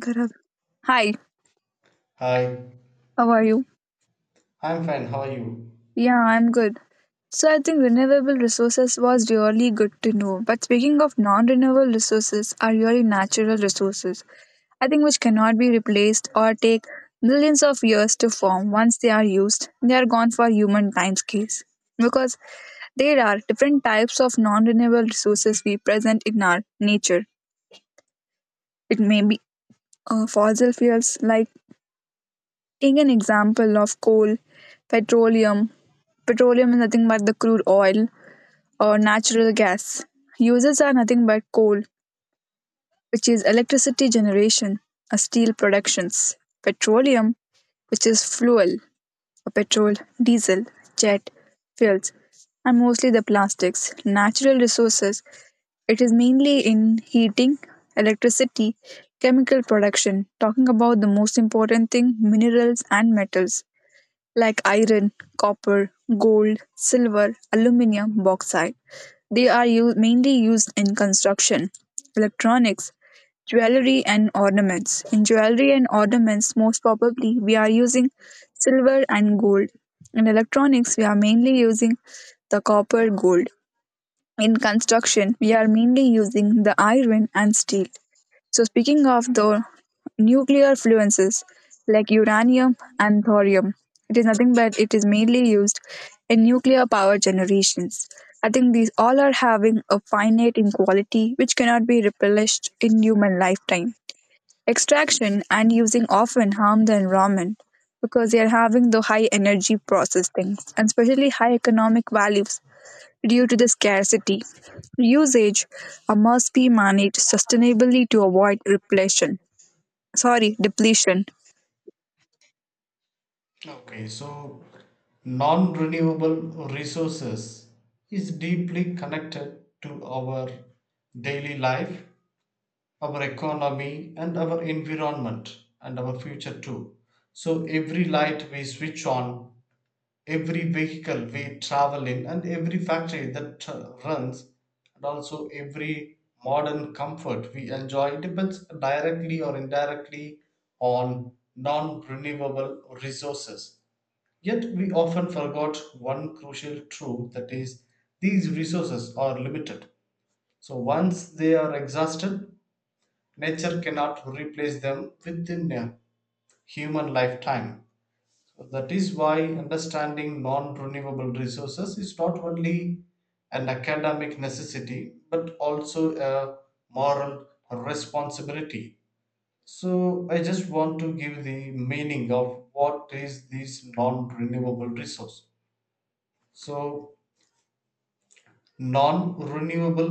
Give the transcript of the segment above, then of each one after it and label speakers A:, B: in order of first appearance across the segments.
A: Gaurav. Hi,
B: Hi,
A: how are you?
B: I'm fine. How are you?
A: Yeah, I'm good. So I think renewable resources was really good to know. But speaking of non-renewable resources are really natural resources. I think which cannot be replaced or take millions of years to form. Once they are used, they are gone for human timescales. Because there are different types of non-renewable resources we present in our nature. It may be fossil fuels like taking an example of coal, petroleum. Petroleum is nothing but the crude oil or natural gas. Uses are nothing but coal, which is electricity generation or steel productions. Petroleum, which is fuel or petrol, diesel, jet, fuels, and mostly the plastics. Natural resources, it is mainly in heating, electricity, chemical production. Talking about the most important thing, minerals and metals like iron, copper, gold, silver, aluminum, bauxite. They are mainly used in construction, electronics, jewelry, and ornaments. In jewelry and ornaments, most probably we are using silver and gold. In electronics, we are mainly using the copper gold. In construction, we are mainly using the iron and steel. So, speaking of the nuclear fluences like uranium and thorium, it is nothing but it is mainly used in nuclear power generations. I think these all are having a finite inequality which cannot be replenished in human lifetime. Extraction and using often harm the environment because they are having the high energy process things and especially high economic values due to the scarcity. Usage must be managed sustainably to avoid repletion. Sorry, depletion.
B: Okay, so non renewable resources is deeply connected to our daily life, our economy, and our environment, and our future too. So every light we switch on, every vehicle we travel in, and every factory that runs, and also every modern comfort we enjoy depends directly or indirectly on non-renewable resources. Yet we often forgot one crucial truth, that is, these resources are limited. So once they are exhausted, nature cannot replace them within a human lifetime. So that is why understanding non renewable resources is not only an academic necessity but also a moral responsibility. So I just want to give the meaning of what is this non renewable resource. So non renewable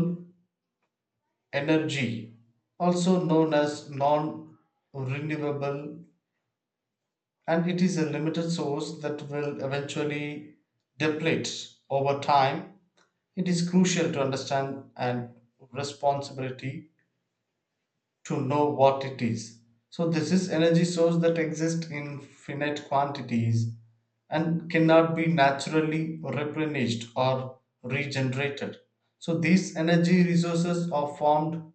B: energy, also known as non renewable, and it is a limited source that will eventually deplete over time. It is crucial to understand and responsibility to know what it is. So this is energy source that exists in finite quantities and cannot be naturally replenished or regenerated. So these energy resources are formed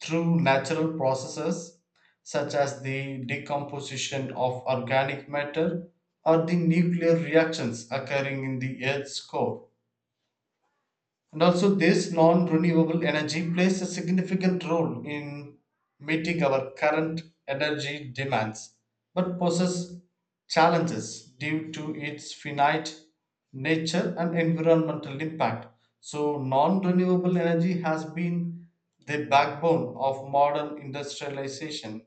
B: through natural processes such as the decomposition of organic matter or the nuclear reactions occurring in the Earth's core. And also, this non renewable energy plays a significant role in meeting our current energy demands, but poses challenges due to its finite nature and environmental impact. So non renewable energy has been the backbone of modern industrialization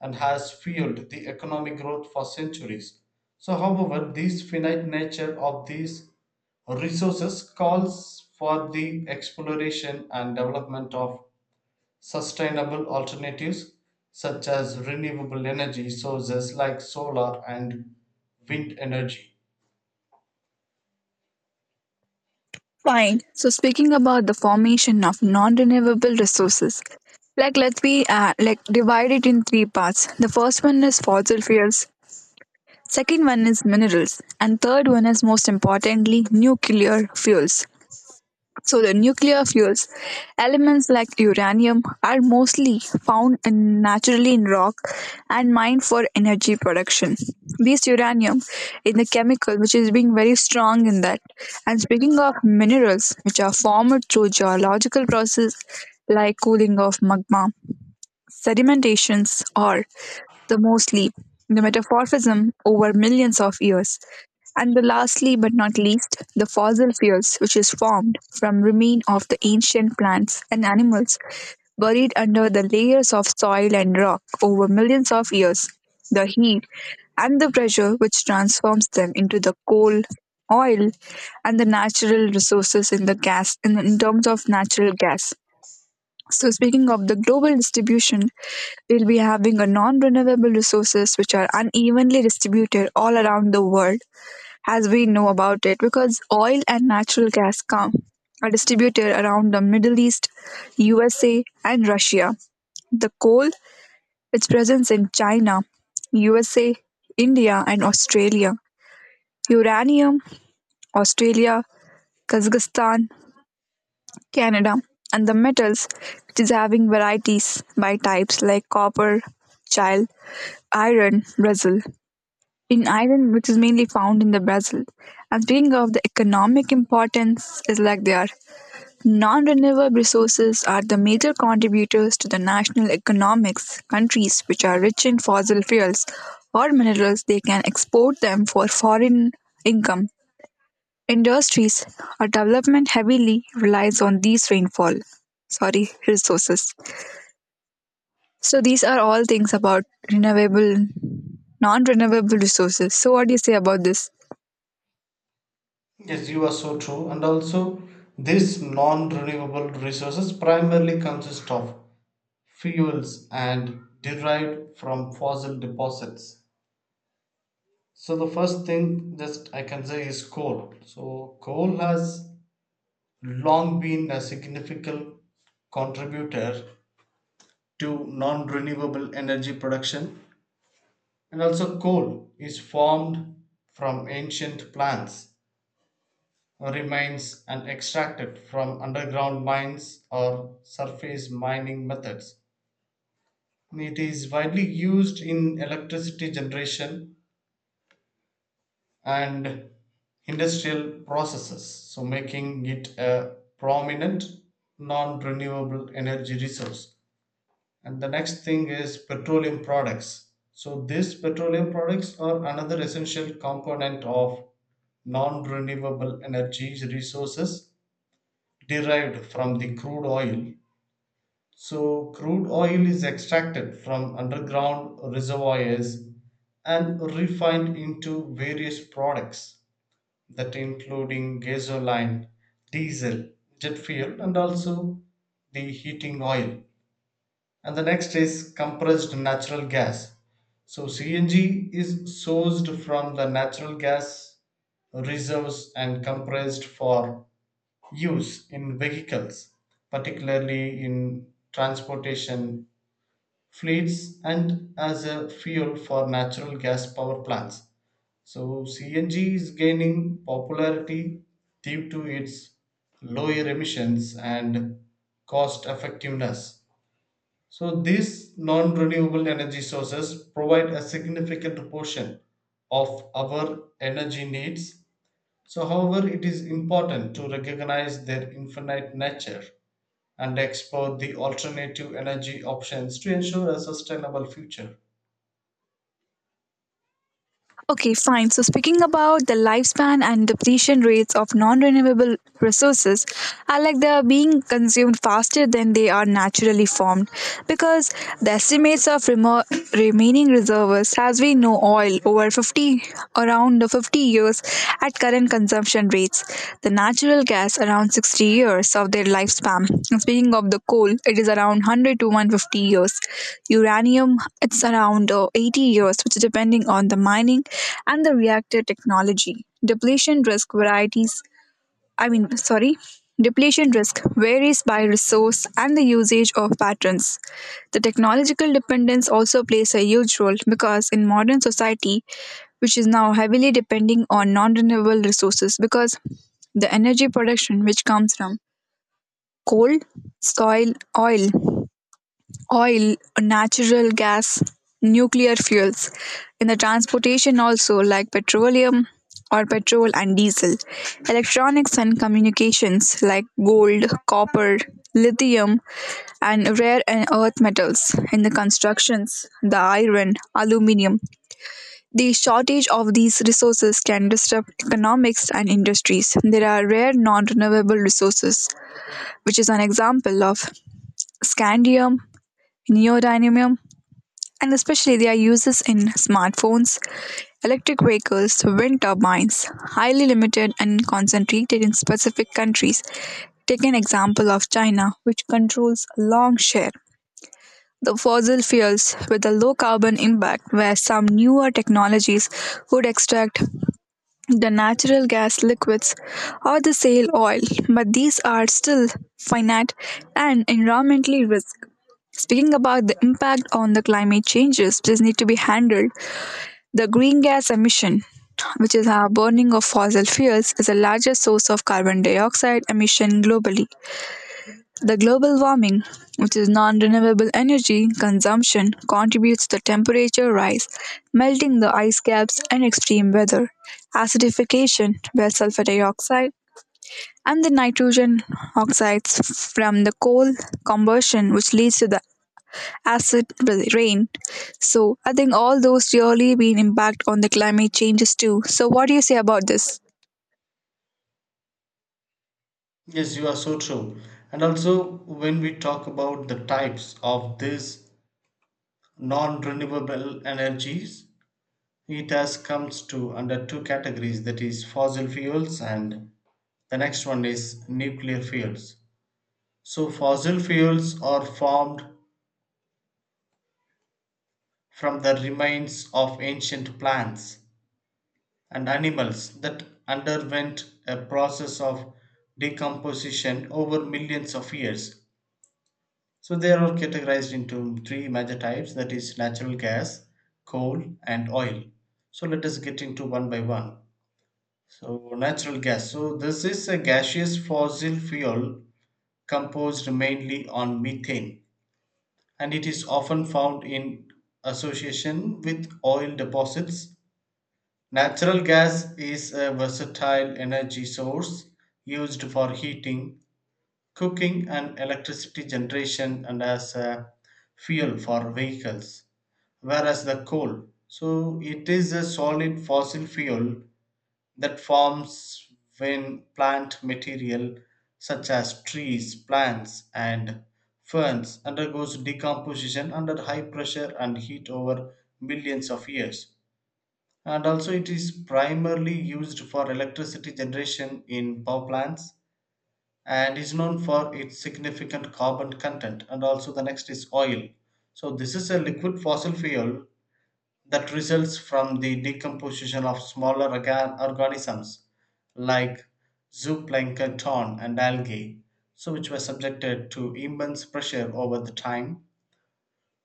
B: and has fueled the economic growth for centuries. So however, this finite nature of these resources calls for the exploration and development of sustainable alternatives such as renewable energy sources like solar and wind energy.
A: Fine. So speaking about the formation of non-renewable resources, like let's be like divide it in three parts. The first one is fossil fuels, second one is minerals, and third one is most importantly nuclear fuels. So the nuclear fuels, elements like uranium, are mostly found in, naturally in rock and mined for energy production. This uranium is the chemical which is being very strong in that. And speaking of minerals, which are formed through geological process like cooling of magma, sedimentations are the mostly, the metamorphism over millions of years, and the lastly but not least, the fossil fuels which is formed from remain of the ancient plants and animals buried under the layers of soil and rock over millions of years. The heat and the pressure which transforms them into the coal, oil, and the natural resources in the gas in terms of natural gas. So, speaking of the global distribution, we'll be having a non-renewable resources which are unevenly distributed all around the world as we know about it because oil and natural gas come are distributed around the Middle East, USA and Russia. The coal its presence in China, USA, India and Australia. Uranium, Australia, Kazakhstan, Canada, and the metals, which is having varieties by types like copper, Chile, iron, Brazil. In iron, which is mainly found in the Brazil. And speaking of the economic importance, is like they are non-renewable resources are the major contributors to the national economics. Countries which are rich in fossil fuels or minerals, they can export them for foreign income. Industries or development heavily relies on these rainfall, sorry, resources. So these are all things about renewable, non-renewable resources. So what do you say about this?
B: Yes, you are so true. And also, these non renewable resources primarily consist of fuels and derived from fossil deposits. So the first thing just I can say is coal. So coal has long been a significant contributor to non-renewable energy production, and also coal is formed from ancient plants remains and extracted from underground mines or surface mining methods. It is widely used in electricity generation and industrial processes, so making it a prominent non-renewable energy resource. And the next thing is petroleum products. So these petroleum products are another essential component of non-renewable energy resources, derived from the crude oil. So crude oil is extracted from underground reservoirs and refined into various products, that including gasoline, diesel, jet fuel, and also the heating oil. And the next is compressed natural gas. So CNG is sourced from the natural gas reserves and compressed for use in vehicles, particularly in transportation fleets and as a fuel for natural gas power plants. So CNG is gaining popularity due to its lower emissions and cost effectiveness. So these non-renewable energy sources provide a significant portion of our energy needs. So however, it is important to recognize their infinite nature and explore the alternative energy options to ensure a sustainable future.
A: Okay, fine. So speaking about the lifespan and depletion rates of non-renewable resources, are like they are being consumed faster than they are naturally formed, because the estimates of remaining reserves, as we know, oil over 50 around the 50 years vehicles at current consumption rates, the natural gas around 60 years of their lifespan. And speaking of the coal, it is around 100 to 150 years. Uranium, it's around 80 years, which is depending on the mining and the reactor technology. Depletion risk varieties, I mean, sorry, depletion risk varies by resource and the usage of patterns. The technological dependence also plays a huge role because in modern society, which is now heavily depending on non renewable resources, because the energy production which comes from coal, soil, oil, natural gas, nuclear fuels. In the transportation also like petroleum or petrol and diesel. Electronics and communications like gold, copper, lithium and rare and earth metals. In the constructions, the iron, aluminium. The shortage of these resources can disrupt economics and industries. There are rare non-renewable resources, which is an example of scandium, neodymium, and especially their uses in smartphones, electric vehicles, wind turbines, highly limited and concentrated in specific countries. Take an example of China, which controls a long share. The fossil fuels with a low carbon impact, where some newer technologies would extract the natural gas liquids or the shale oil, but these are still finite and environmentally risk. Speaking about the impact on the climate changes, this need to be handled the green gas emission, which is our burning of fossil fuels, is the largest source of carbon dioxide emission globally. The global warming, which is non renewable energy consumption, contributes to temperature rise, melting the ice caps, and extreme weather. Acidification, where sulfur dioxide and the nitrogen oxides from the coal combustion, which leads to the acid rain. So I think all those really been impact on the climate changes too. So what do you say about this?
B: Yes, you are so true. And also, when we talk about the types of these non renewable energies, it has comes to under two categories, that is fossil fuels and the next one is nuclear fuels. So fossil fuels are formed from the remains of ancient plants and animals that underwent a process of decomposition over millions of years. So they are categorized into three major types, that is, natural gas, coal, and oil. So let us get into one by one. So, natural gas. So this is a gaseous fossil fuel composed mainly on methane, and it is often found in association with oil deposits. Natural gas is a versatile energy source used for heating, cooking, and electricity generation, and as a fuel for vehicles, whereas the coal. So it is a solid fossil fuel that forms when plant material such as trees, plants, and ferns undergoes decomposition under high pressure and heat over millions of years. And also, it is primarily used for electricity generation in power plants and is known for its significant carbon content. And also, the next is oil. So this is a liquid fossil fuel that results from the decomposition of smaller organisms like zooplankton and algae, so which were subjected to immense pressure over the time.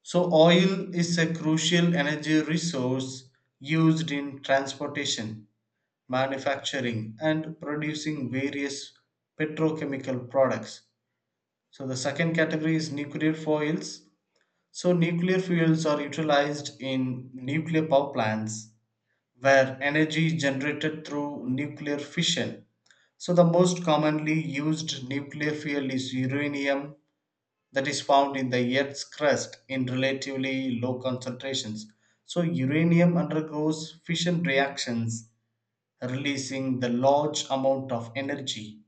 B: So oil is a crucial energy resource used in transportation, manufacturing, and producing various petrochemical products. So the second category is nuclear fuels. So nuclear fuels are utilized in nuclear power plants where energy is generated through nuclear fission. So the most commonly used nuclear fuel is uranium, that is found in the Earth's crust in relatively low concentrations. So uranium undergoes fission reactions, releasing the large amount of energy.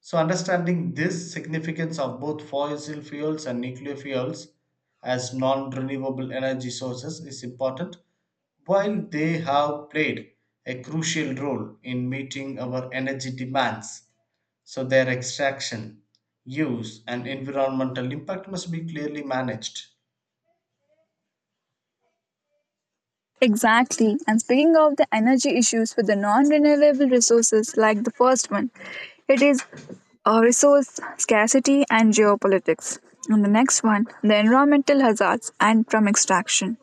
B: So understanding this significance of both fossil fuels and nuclear fuels as non renewable energy sources is important, while they have played a crucial role in meeting our energy demands. So their extraction, use, and environmental impact must be clearly managed.
A: Exactly. And speaking of the energy issues with the non renewable resources, like the first one, it is resource scarcity and geopolitics. And the next one, the environmental hazards and from extraction.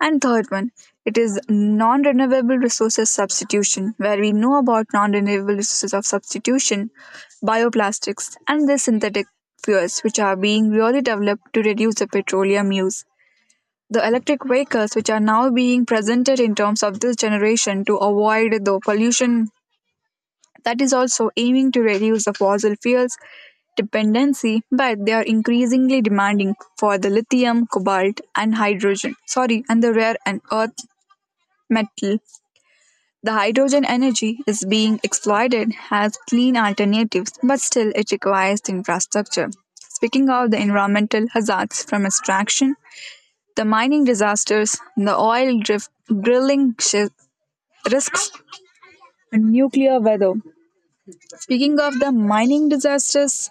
A: And third one, it is non renewable resources substitution, where we know about non renewable resources of substitution, bioplastics, and the synthetic fuels, which are being really developed to reduce the petroleum use. The electric vehicles which are now being presented in terms of this generation to avoid the pollution that is also aiming to reduce the fossil fuels dependency, but they are increasingly demanding for the lithium, cobalt, and hydrogen. Sorry, and the rare and earth metal. The hydrogen energy is being exploited as clean alternatives, but still it requires the infrastructure. Speaking of the environmental hazards from extraction, the mining disasters, the oil drift drilling shi risks and nuclear weather. Speaking of the mining disasters,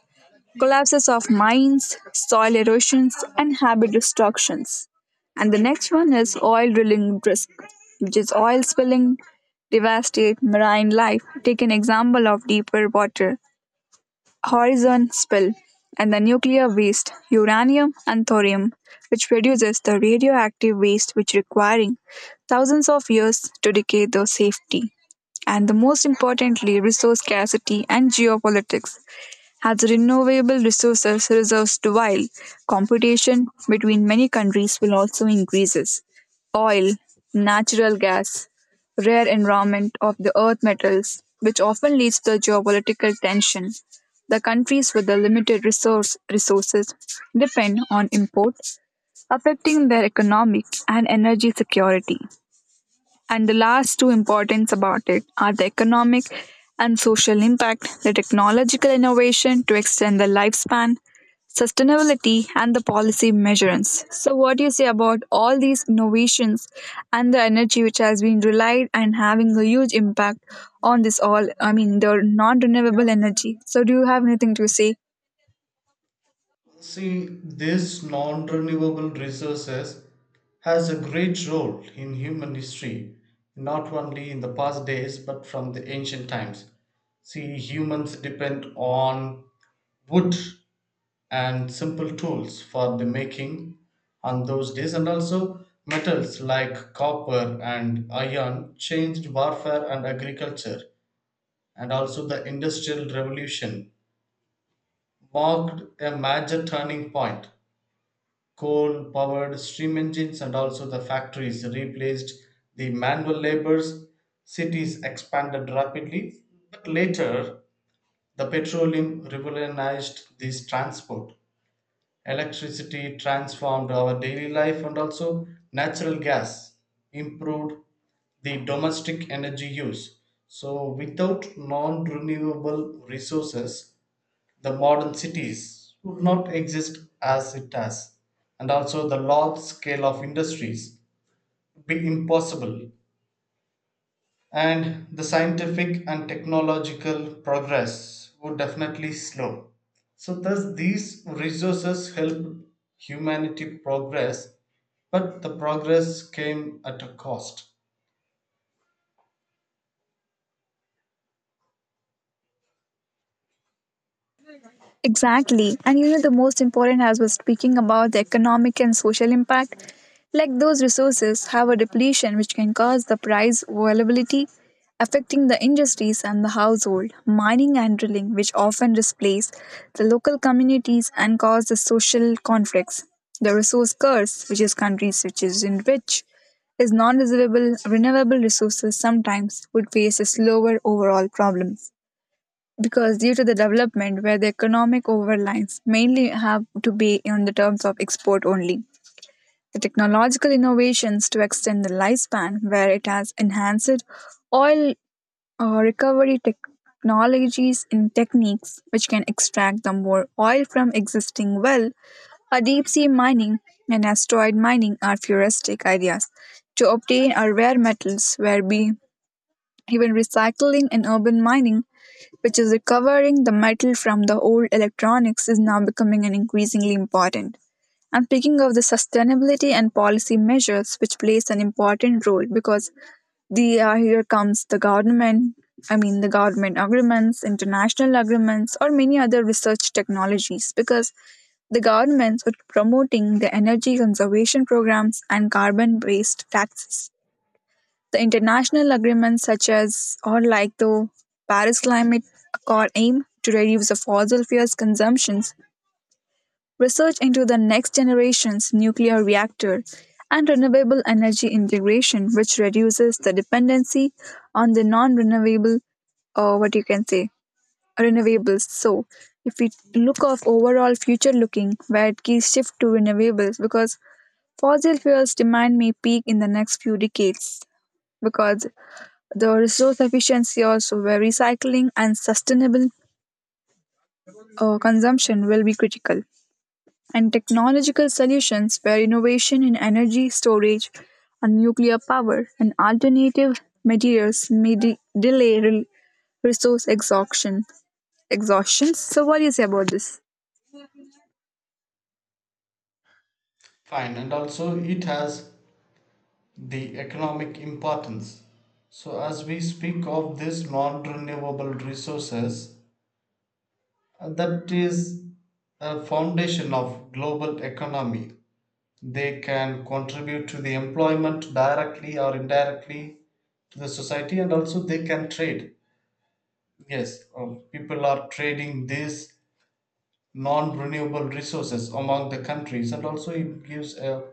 A: collapses of mines, soil erosions, and habit destructions. And the next one is oil drilling risk, which is oil spilling devastate marine life. Take an example of deeper water horizon spill, and the nuclear waste, uranium and thorium, which produces the radioactive waste which requiring thousands of years to decay the safety. And the most importantly, resource scarcity and geopolitics, as renewable resources reserves dwindle, competition between many countries will also increases. Oil, natural gas, rare environment of the earth metals, which often leads to geopolitical tension. The countries with the limited resource resources depend on import, affecting their economic and energy security. And the last two importance about it are the economic and social impact, the technological innovation to extend the lifespan, sustainability, and the policy measurements. So, what do you say about all these innovations and the energy which has been relied and having a huge impact on this all? I mean, the non renewable energy. So, do you have anything to say?
B: See, these non-renewable resources has a great role in human history, not only in the past days but from the ancient times. See, humans depend on wood and simple tools for the making on those days, and also metals like copper and iron changed warfare and agriculture. And also the industrial revolution marked a major turning point. Coal powered steam engines and also the factories replaced the manual labors. Cities expanded rapidly, but later the petroleum revolutionized this transport, electricity transformed our daily life, and also natural gas improved the domestic energy use. So without non renewable resources, the modern cities would not exist as it does, and also the large scale of industries would be impossible, and the scientific and technological progress would definitely slow. So thus, these resources helped humanity progress, but the progress came at a cost.
A: Exactly. And you know, the most important as we're speaking about the economic and social impact, like those resources have a depletion which can cause the price volatility, affecting the industries and the household, mining and drilling, which often displace the local communities and cause the social conflicts. The resource curse, which is countries which is in rich, is non-renewable renewable resources sometimes would face a slower overall problem because due to the development where the economic overlines mainly have to be in the terms of export only, the technological innovations to extend the lifespan where it has enhanced oil recovery technologies and techniques which can extract the more oil from existing well, a deep sea mining and asteroid mining are futuristic ideas to obtain our rare metals where be even recycling and urban mining, which is recovering the metal from the old electronics, is now becoming an increasingly important. And speaking of the sustainability and policy measures, which plays an important role because the here comes the government. I mean, the government agreements, international agreements, or many other research technologies, because the governments are promoting the energy conservation programs and carbon based taxes. The international agreements such as or like the Paris Climate Accord aim to reduce the fossil fuels consumptions, research into the next generation's nuclear reactor, and renewable energy integration, which reduces the dependency on the non-renewable or what you can say renewables. So if we look of overall future looking where key shift to renewables because fossil fuels demand may peak in the next few decades because the resource efficiency also where recycling and sustainable consumption will be critical. And technological solutions where innovation in energy storage and nuclear power and alternative materials may delay resource exhaustion. Exhaustion. So, what do you say about this?
B: Fine, and also it has the economic importance. So as we speak of these non renewable resources, that is a foundation of global economy. They can contribute to the employment directly or indirectly to the society, and also they can trade. Yes, people are trading these non-renewable resources among the countries, and also it gives a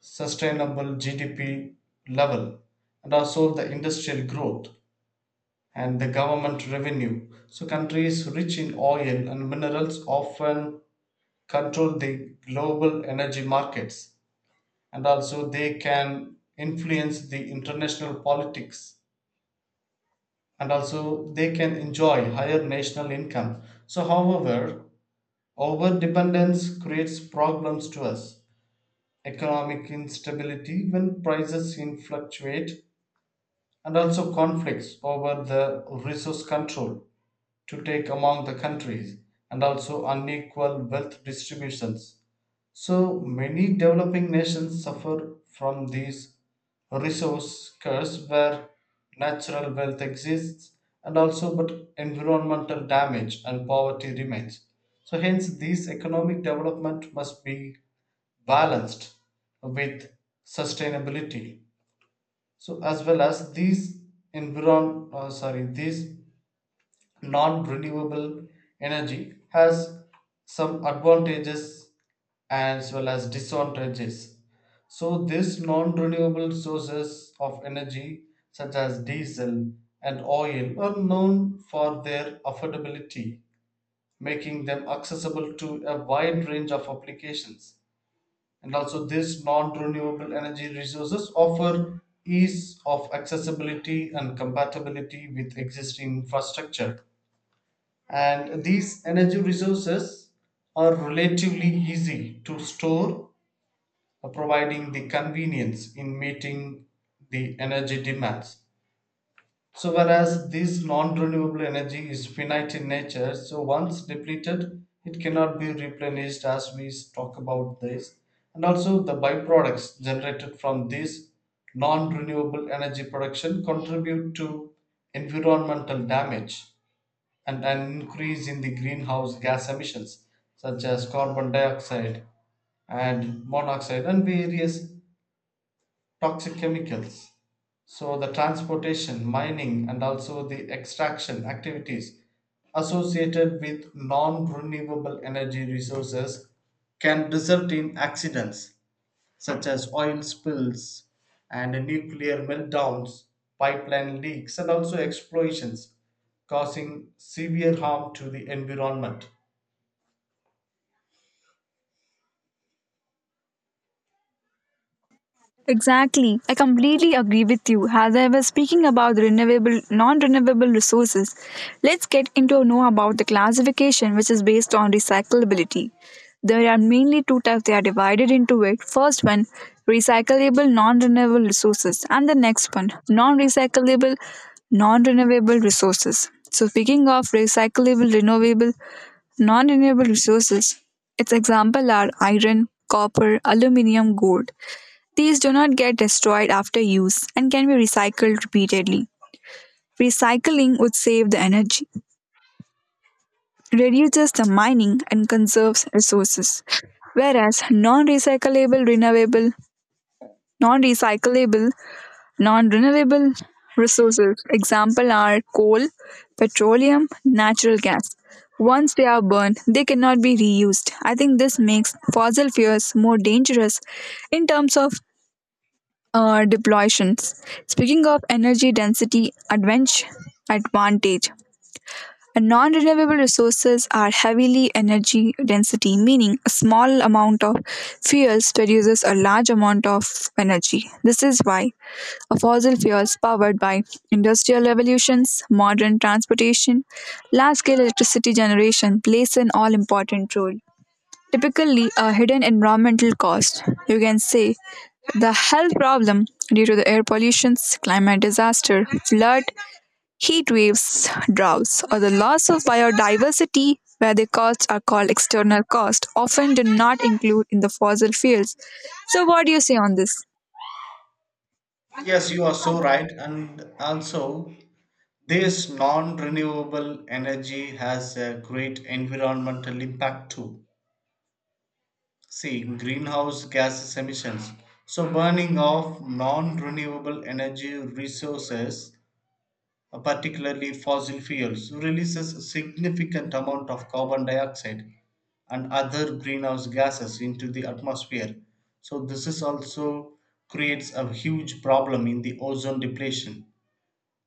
B: sustainable GDP level, and also the industrial growth and the government revenue. So countries rich in oil and minerals often control the global energy markets, and also they can influence the international politics, and also they can enjoy higher national income. So however, overdependence creates problems to us: economic instability when prices in fluctuate, and also conflicts over the resource control to take among the countries, and also unequal wealth distributions. So many developing nations suffer from these resource curse where natural wealth exists, and also but environmental damage and poverty remains. So hence these economic development must be balanced with sustainability. So as well as these environ sorry, these non-renewable energy has some advantages as well as disadvantages. So these non-renewable sources of energy such as diesel and oil are known for their affordability, making them accessible to a wide range of applications. And also these non-renewable energy resources offer ease of accessibility and compatibility with existing infrastructure, and these energy resources are relatively easy to store, providing the convenience in meeting the energy demands. So whereas this non-renewable energy is finite in nature, so once depleted it cannot be replenished, as we talk about this. And also the byproducts generated from this non-renewable energy production contribute to environmental damage and an increase in the greenhouse gas emissions such as carbon dioxide and monoxide and various toxic chemicals. So the transportation, mining, and also the extraction activities associated with non renewable energy resources can result in accidents such as oil spills and nuclear meltdowns, pipeline leaks, and also explosions, causing severe harm to the environment.
A: Exactly. I completely agree with you. As I was speaking about the renewable, non-renewable resources, let's get into know about the classification which is based on recyclability. There are mainly two types they are divided into it. First one, recyclable non-renewable resources and the next one, non-recyclable non-renewable resources. So speaking of recyclable, renewable, non-renewable resources, its example are iron, copper, aluminium, gold. These do not get destroyed after use and can be recycled repeatedly. Recycling would save the energy, reduces the mining, and conserves resources. Whereas non-recyclable, non-renewable resources, example are coal, petroleum, natural gas. Once they are burned, they cannot be reused. I think this makes fossil fuels more dangerous in terms of deploytions. Speaking of energy density advantage. Non-renewable resources are heavily energy density, meaning a small amount of fuels produces a large amount of energy. This is why a fossil fuels powered by industrial revolutions, modern transportation, large-scale electricity generation plays an all-important role typically a hidden environmental cost. You can say the health problem due to the air pollution, climate disaster, flood, heat waves, droughts, or the loss of biodiversity, where the costs are called external costs, often do not include in the fossil fuels. So, what do you say on this?
B: Yes, you are so right. And also, this non renewable energy has a great environmental impact too. See, greenhouse gases emissions. So burning of non renewable energy resources, particularly fossil fuels, releases a significant amount of carbon dioxide and other greenhouse gases into the atmosphere. So this is also creates a huge problem in the ozone depletion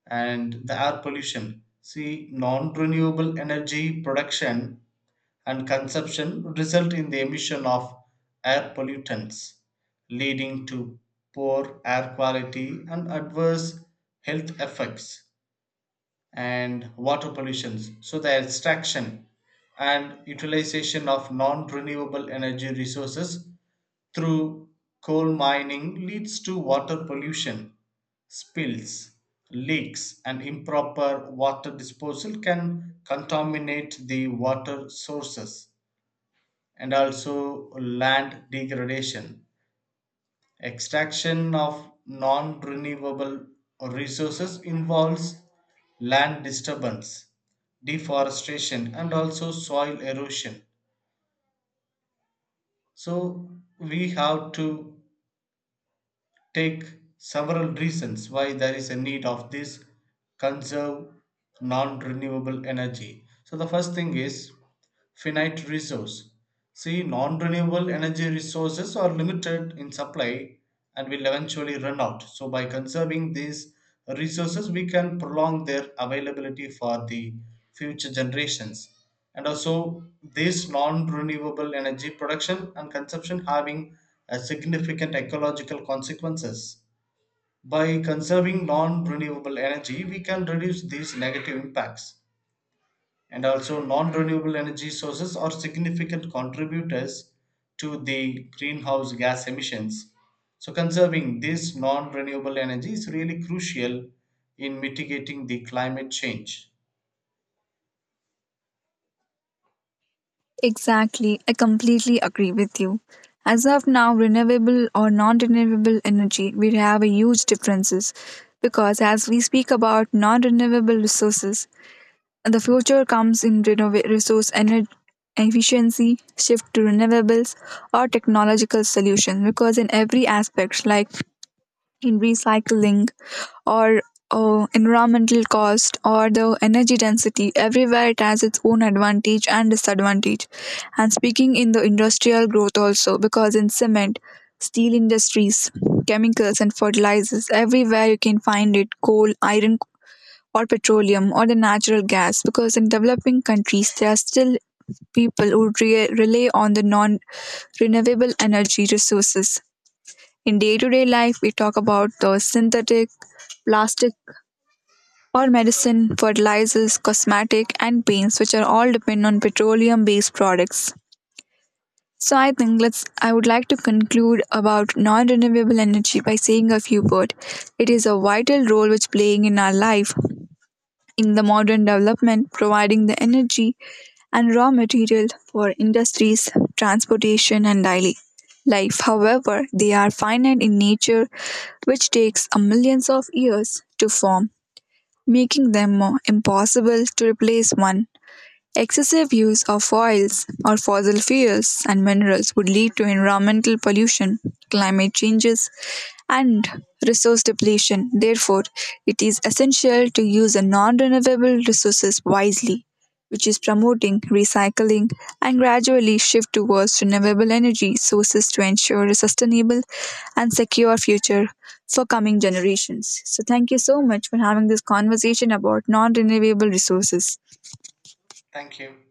B: and the air pollution. See, non renewable energy production and consumption result in the emission of air pollutants, leading to poor air quality and adverse health effects and water pollutions. So the extraction and utilization of non-renewable energy resources through coal mining leads to water pollution. Spills, leaks, and improper water disposal can contaminate the water sources, and also land degradation. Extraction of non renewable resources involves land disturbance, deforestation, and also soil erosion. So we have to take several reasons why there is a need of this conserve non renewable energy. So the first thing is finite resource. See, non renewable energy resources are limited in supply and will eventually run out. So by conserving these resources, we can prolong their availability for the future generations. And also, this non renewable energy production and consumption having a significant ecological consequences. By conserving non renewable energy, we can reduce these negative impacts, and also non-renewable energy sources are significant contributors to the greenhouse gas emissions. So conserving this non-renewable energy is really crucial in mitigating the climate change.
A: Exactly, I completely agree with you. As of now, renewable or non-renewable energy, we have a huge differences because as we speak about non-renewable resources, the future comes in resource energy efficiency, shift to renewables or technological solution because in every aspect like in recycling or environmental cost or the energy density everywhere it has its own advantage and disadvantage and speaking in the industrial growth also because in cement steel industries chemicals and fertilizers everywhere you can find it coal iron or petroleum or the natural gas because in developing countries there are still people who rely on the non renewable energy resources in day-to-day life, we talk about the synthetic, plastic, or medicine, fertilizers, cosmetic, and paints, which are all depend on petroleum-based products. So I think let's I would like to conclude about non-renewable energy by saying a few words. It is a vital role which playing in our life, in the modern development, providing the energy and raw material for industries, transportation, and daily life. However, they are finite in nature, which takes a millions of years to form, making them more impossible to replace one. Excessive use of oils or fossil fuels and minerals would lead to environmental pollution, climate changes, and resource depletion. Therefore, it is essential to use the non-renewable resources wisely, which is promoting recycling and gradually shift towards renewable energy sources to ensure a sustainable and secure future for coming generations. So thank you so much for having this conversation about non-renewable resources.
B: Thank you.